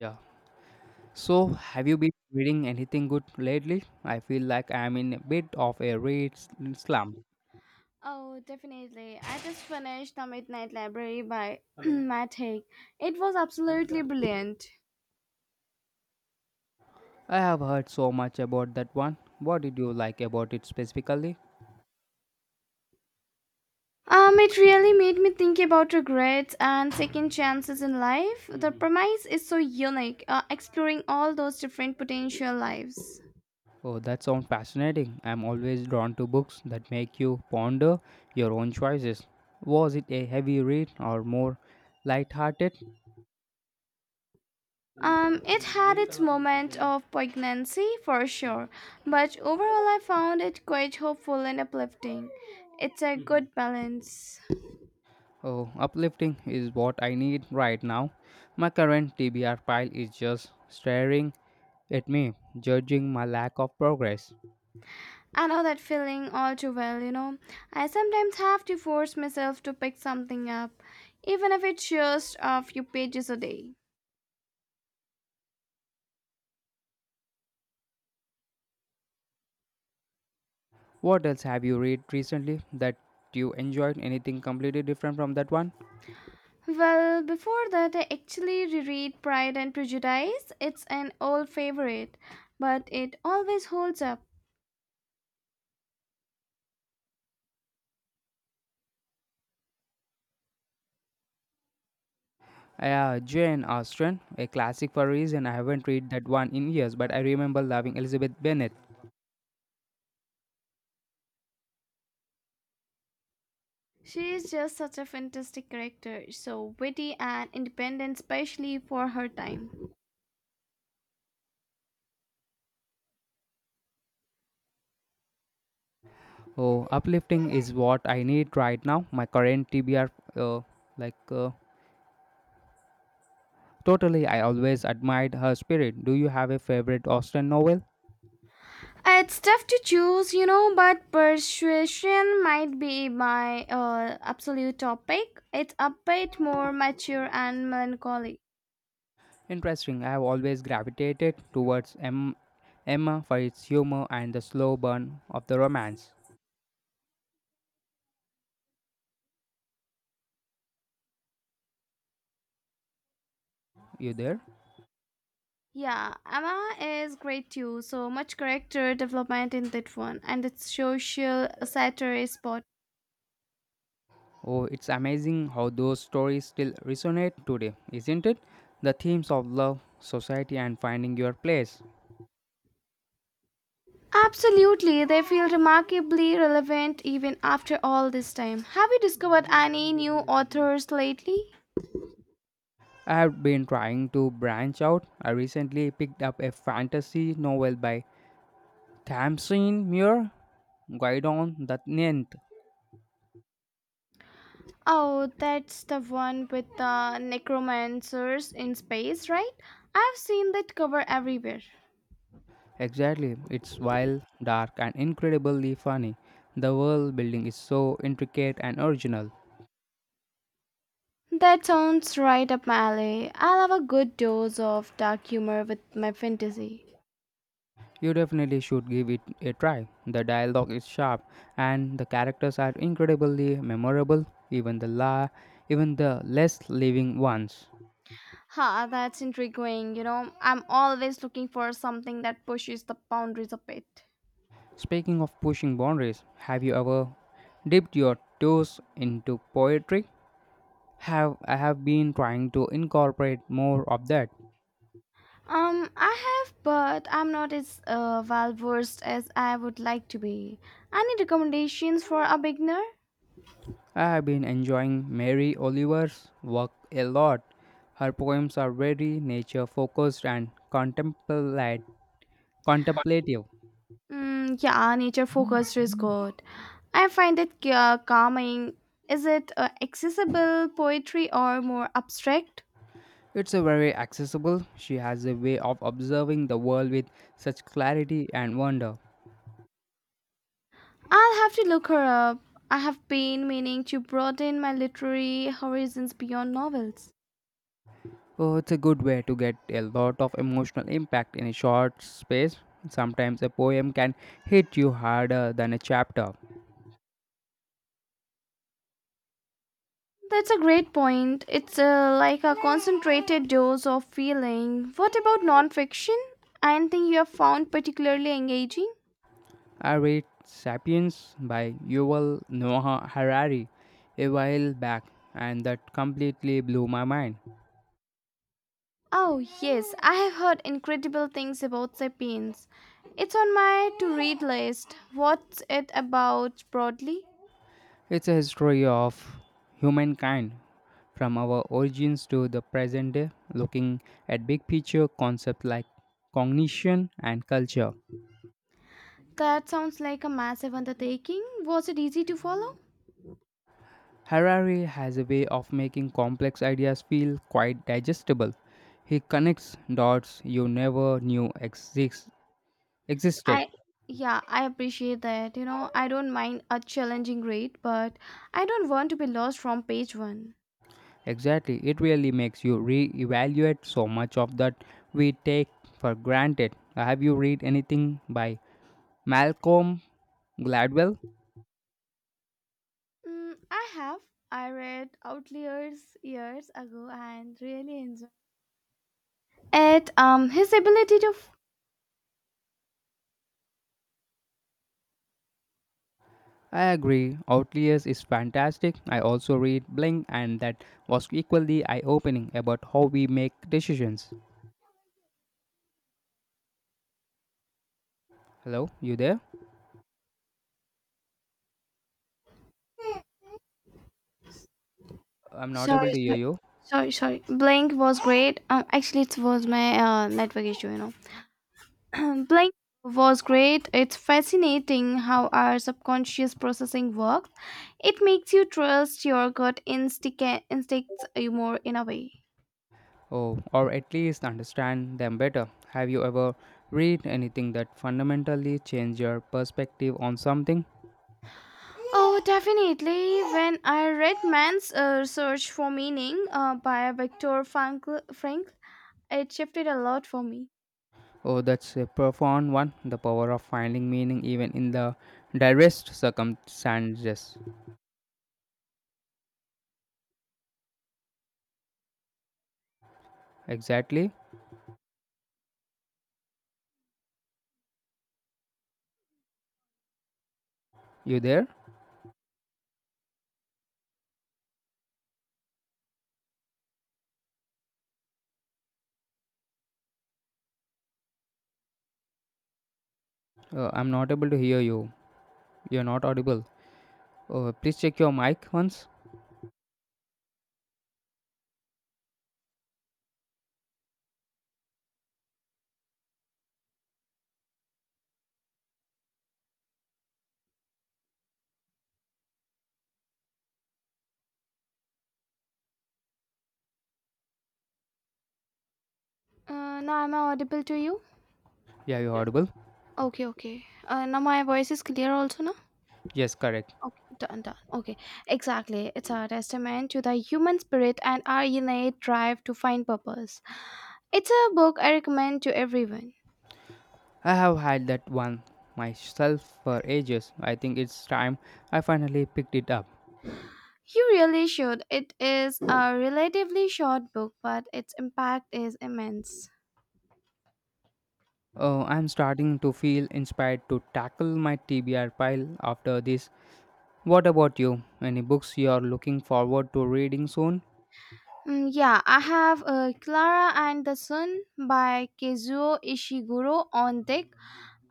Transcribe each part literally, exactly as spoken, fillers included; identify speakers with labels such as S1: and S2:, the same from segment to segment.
S1: Yeah. So, have you been reading anything good lately? I feel like I'm in a bit of a read s- slump.
S2: Oh, definitely. I just finished The Midnight Library by Matt Haig. It was absolutely brilliant.
S1: I have heard so much about that one. What did you like about it specifically?
S2: Um, it really made me think about regrets and second chances in life. The premise is so unique, uh, exploring all those different potential lives.
S1: Oh, that sounds fascinating. I'm always drawn to books that make you ponder your own choices. Was it a heavy read or more light-hearted?
S2: Um, it had its moment of poignancy for sure, but overall I found it quite hopeful and uplifting. It's a good balance.
S1: Oh, uplifting is what I need right now. My current T B R pile is just staring at me, judging my lack of progress.
S2: I know that feeling all too well, you know. I sometimes have to force myself to pick something up, even if it's just a few pages a day.
S1: What else have you read recently that you enjoyed? Anything completely different from that one?
S2: Well, before that, I actually reread Pride and Prejudice. It's an old favorite, but it always holds up.
S1: Uh, Jane Austen, a classic for a reason. I haven't read that one in years, but I remember loving Elizabeth Bennet.
S2: She is just such a fantastic character, so witty and independent, especially for her time.
S1: Oh, uplifting is what I need right now. My current T B R, uh, like, uh, totally, I always admired her spirit. Do you have a favorite Austen novel?
S2: It's tough to choose, you know, but persuasion might be my uh, absolute topic. It's a bit more mature and melancholy.
S1: Interesting. I have always gravitated towards M- Emma for its humor and the slow burn of the romance. You there?
S2: Yeah, Emma is great too. So much character development in that one, and its social satire is spot.
S1: Oh, it's amazing how those stories still resonate today, isn't it? The themes of love, society, and finding your place.
S2: Absolutely, they feel remarkably relevant even after all this time. Have you discovered any new authors lately?
S1: I have been trying to branch out. I recently picked up a fantasy novel by Tamsin Muir, Guidon the Ninth.
S2: Oh, that's the one with the necromancers in space, right? I've seen that cover everywhere.
S1: Exactly, it's wild, dark, and incredibly funny. The world building is so intricate and original.
S2: That sounds right up my alley. I'll have a good dose of dark humor with my fantasy.
S1: You definitely should give it a try. The dialogue is sharp and the characters are incredibly memorable, even the la even the less living ones.
S2: Ha, that's intriguing. You know, I'm always looking for something that pushes the boundaries a bit.
S1: Speaking of pushing boundaries, have you ever dipped your toes into poetry? Have I have been trying to incorporate more of that.
S2: Um, I have, but I'm not as uh, well versed as I would like to be. Any recommendations for a beginner?
S1: I have been enjoying Mary Oliver's work a lot. Her poems are very nature focused and contemplat- contemplative.
S2: Mm, yeah, nature focused is good. I find it ca- calming. Is it uh, accessible poetry or more abstract?
S1: It's a very accessible. She has a way of observing the world with such clarity and wonder.
S2: I'll have to look her up. I have been meaning to broaden my literary horizons beyond novels.
S1: Oh, it's a good way to get a lot of emotional impact in a short space. Sometimes a poem can hit you harder than a chapter.
S2: That's a great point. It's uh, like a concentrated dose of feeling. What about nonfiction? Anything you have found particularly engaging?
S1: I read *Sapiens* by Yuval Noah Harari a while back, and that completely blew my mind.
S2: Oh, yes, I have heard incredible things about Sapiens. It's on my to read list. What's it about broadly?
S1: It's a history of humankind from our origins to the present day, looking at big picture concepts like cognition and culture.
S2: That sounds like a massive undertaking. Was it easy to follow?
S1: Harari has a way of making complex ideas feel quite digestible. He connects dots you never knew exist- existed.
S2: I Yeah, I appreciate that. You know, I don't mind a challenging read, but I don't want to be lost from page one.
S1: Exactly, it really makes you re-evaluate so much of that we take for granted. Have you read anything by Malcolm Gladwell?
S2: Mm, I have. I read Outliers years ago and really enjoyed it. Um, his ability to
S1: I agree. Outliers is fantastic. I also read Blink, and that was equally eye opening about how we make decisions. Hello, you there? I'm not able
S2: Sorry,
S1: to hear
S2: sorry,
S1: you.
S2: sorry, sorry. Blink was great. Um, actually, it was my uh, network issue, you know. Blink was great. It's fascinating how our subconscious processing works. It makes you trust your gut instinct instincts uh, more in a way.
S1: Oh, or at least understand them better. Have you ever read anything that fundamentally changed your perspective on something?
S2: Oh, definitely. When I read Man's uh, Search for Meaning uh, by Viktor Frankl, Frankl, it shifted a lot for me.
S1: Oh, that's a profound one. The power of finding meaning even in the direst circumstances. Exactly. You there? Uh, I'm not able to hear you. You're not audible. Oh, please check your mic once.
S2: Uh, now, am I audible to you?
S1: Yeah, you're audible.
S2: Okay, okay. Uh, now my voice is clear also now.
S1: Yes, correct.
S2: Okay, done, done. Okay, exactly. It's a testament to the human spirit and our innate drive to find purpose. It's a book I recommend to everyone.
S1: I have had that one myself for ages. I think it's time I finally picked it up.
S2: You really should. It is a relatively short book, but its impact is immense.
S1: Oh, I'm starting to feel inspired to tackle my T B R pile after this. What about you? Any books you're looking forward to reading soon?
S2: Mm, yeah, I have uh, Clara and the Sun by Kazuo Ishiguro on deck.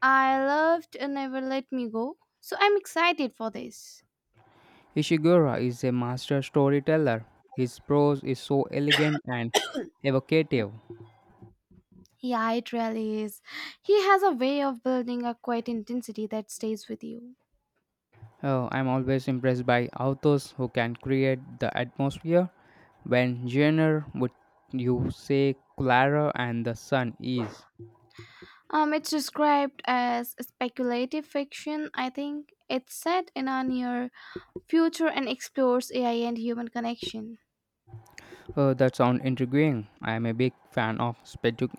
S2: I loved uh, Never Let Me Go, so I'm excited for this.
S1: Ishiguro is a master storyteller. His prose is so elegant and evocative.
S2: Yeah, it really is. He has a way of building a quiet intensity that stays with you.
S1: Oh, I'm always impressed by authors who can create the atmosphere when Jenner would you say Clara and the Sun is.
S2: Um, it's described as speculative fiction, I think. It's set in a near future and explores A I and human connection.
S1: Oh, that sounds intriguing. I am a big fan of specu-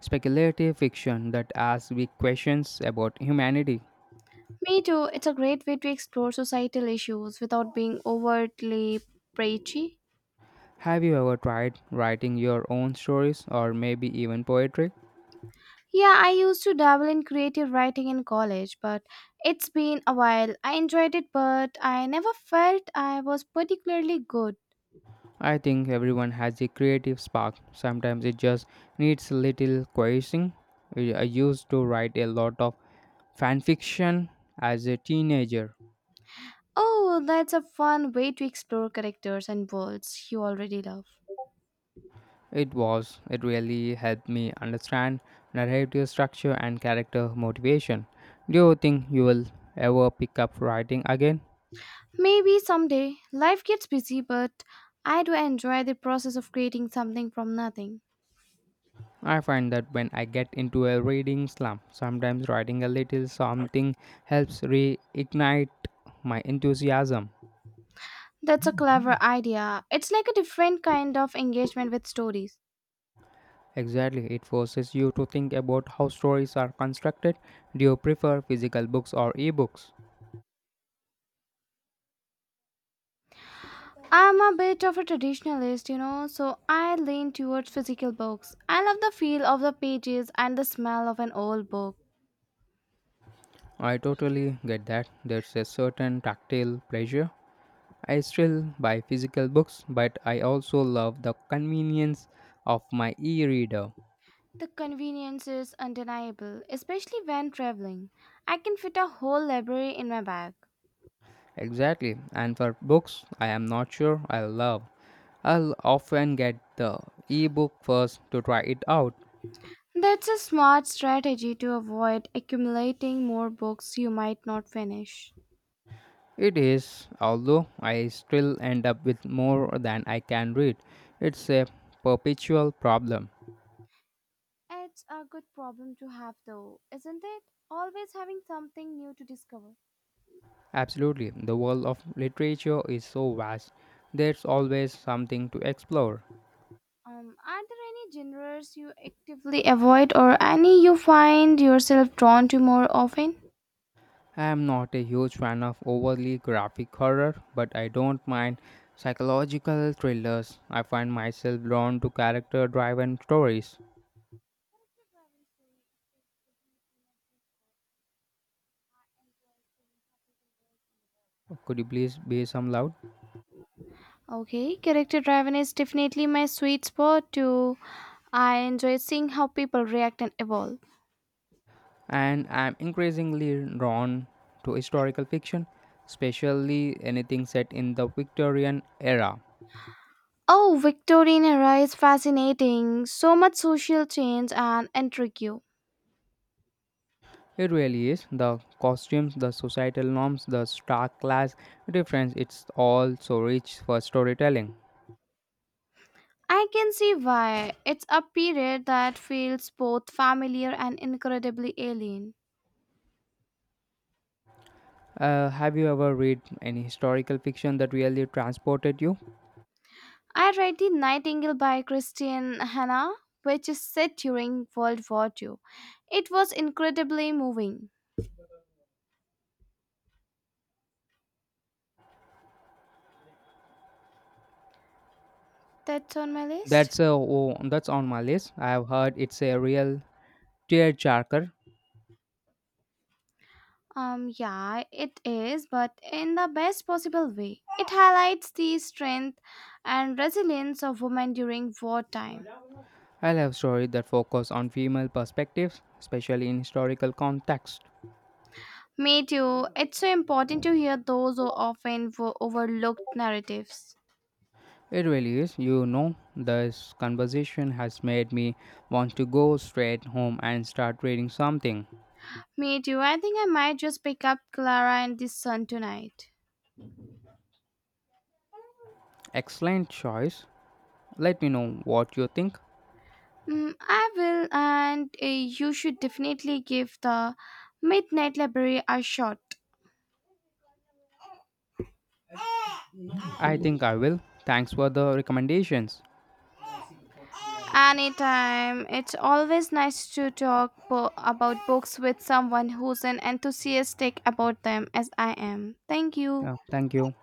S1: speculative fiction that asks big questions about humanity.
S2: Me too, it's a great way to explore societal issues without being overtly preachy.
S1: Have you ever tried writing your own stories or maybe even poetry?
S2: Yeah, I used to dabble in creative writing in college, but it's been a while. I enjoyed it, but I never felt I was particularly good.
S1: I think everyone has a creative spark. Sometimes it just needs a little coaxing. I I used to write a lot of fan fiction as a teenager.
S2: Oh, well, that's a fun way to explore characters and worlds you already love.
S1: It was, it really helped me understand narrative structure and character motivation. Do you think you will ever pick up writing again?
S2: Maybe someday life gets busy, but I do enjoy the process of creating something from nothing.
S1: I find that when I get into a reading slump, sometimes writing a little something helps reignite my enthusiasm.
S2: That's a clever idea. It's like a different kind of engagement with stories.
S1: Exactly, it forces you to think about how stories are constructed. Do you prefer physical books or ebooks?
S2: I'm a bit of a traditionalist, you know, so I lean towards physical books. I love the feel of the pages and the smell of an old book.
S1: I totally get that. There's a certain tactile pleasure. I still buy physical books, but I also love the convenience of my e reader.
S2: The convenience is undeniable, especially when traveling. I can fit a whole library in my bag.
S1: Exactly, and for books, I am not sure I love. I'll often get the e-book first to try it out.
S2: That's a smart strategy to avoid accumulating more books you might not finish.
S1: It is, although I still end up with more than I can read. It's a perpetual problem.
S2: It's a good problem to have, though, isn't it? Always having something new to discover.
S1: Absolutely, the world of literature is so vast. There's always something to explore.
S2: Um, are there any genres you actively avoid or any you find yourself drawn to more often?
S1: I am not a huge fan of overly graphic horror, but I don't mind psychological thrillers. I find myself drawn to character driven stories. Could you please be some loud?
S2: Okay, character driven is definitely my sweet spot too. I enjoy seeing how people react and evolve.
S1: And I'm increasingly drawn to historical fiction, especially anything set in the Victorian era.
S2: Oh, Victorian era is fascinating. So much social change and intrigue.
S1: It really is the costumes, the societal norms, the stark class difference. It's all so rich for storytelling.
S2: I can see why. It's a period that feels both familiar and incredibly alien.
S1: Uh, have you ever read any historical fiction that really transported you?
S2: I read The Nightingale by Christian Hannah, which is set during World War two. It was incredibly moving. That's on my list.
S1: That's a Oh, that's on my list. I have heard it's a real tearjerker.
S2: Um, yeah, it is, but in the best possible way. It highlights the strength and resilience of women during wartime.
S1: I love stories that focus on female perspectives, especially in historical context.
S2: Me too. It's so important to hear those who often wo- overlooked narratives.
S1: It really is. You know, this conversation has made me want to go straight home and start reading something.
S2: Me too. I think I might just pick up Clara and this son tonight.
S1: Excellent choice. Let me know what you think.
S2: Mm, I will, and uh, you should definitely give the Midnight Library a shot.
S1: I think I will. Thanks for the recommendations.
S2: Anytime. It's always nice to talk bo- about books with someone who's an enthusiastic about them as I am. Thank you.
S1: Yeah, thank you.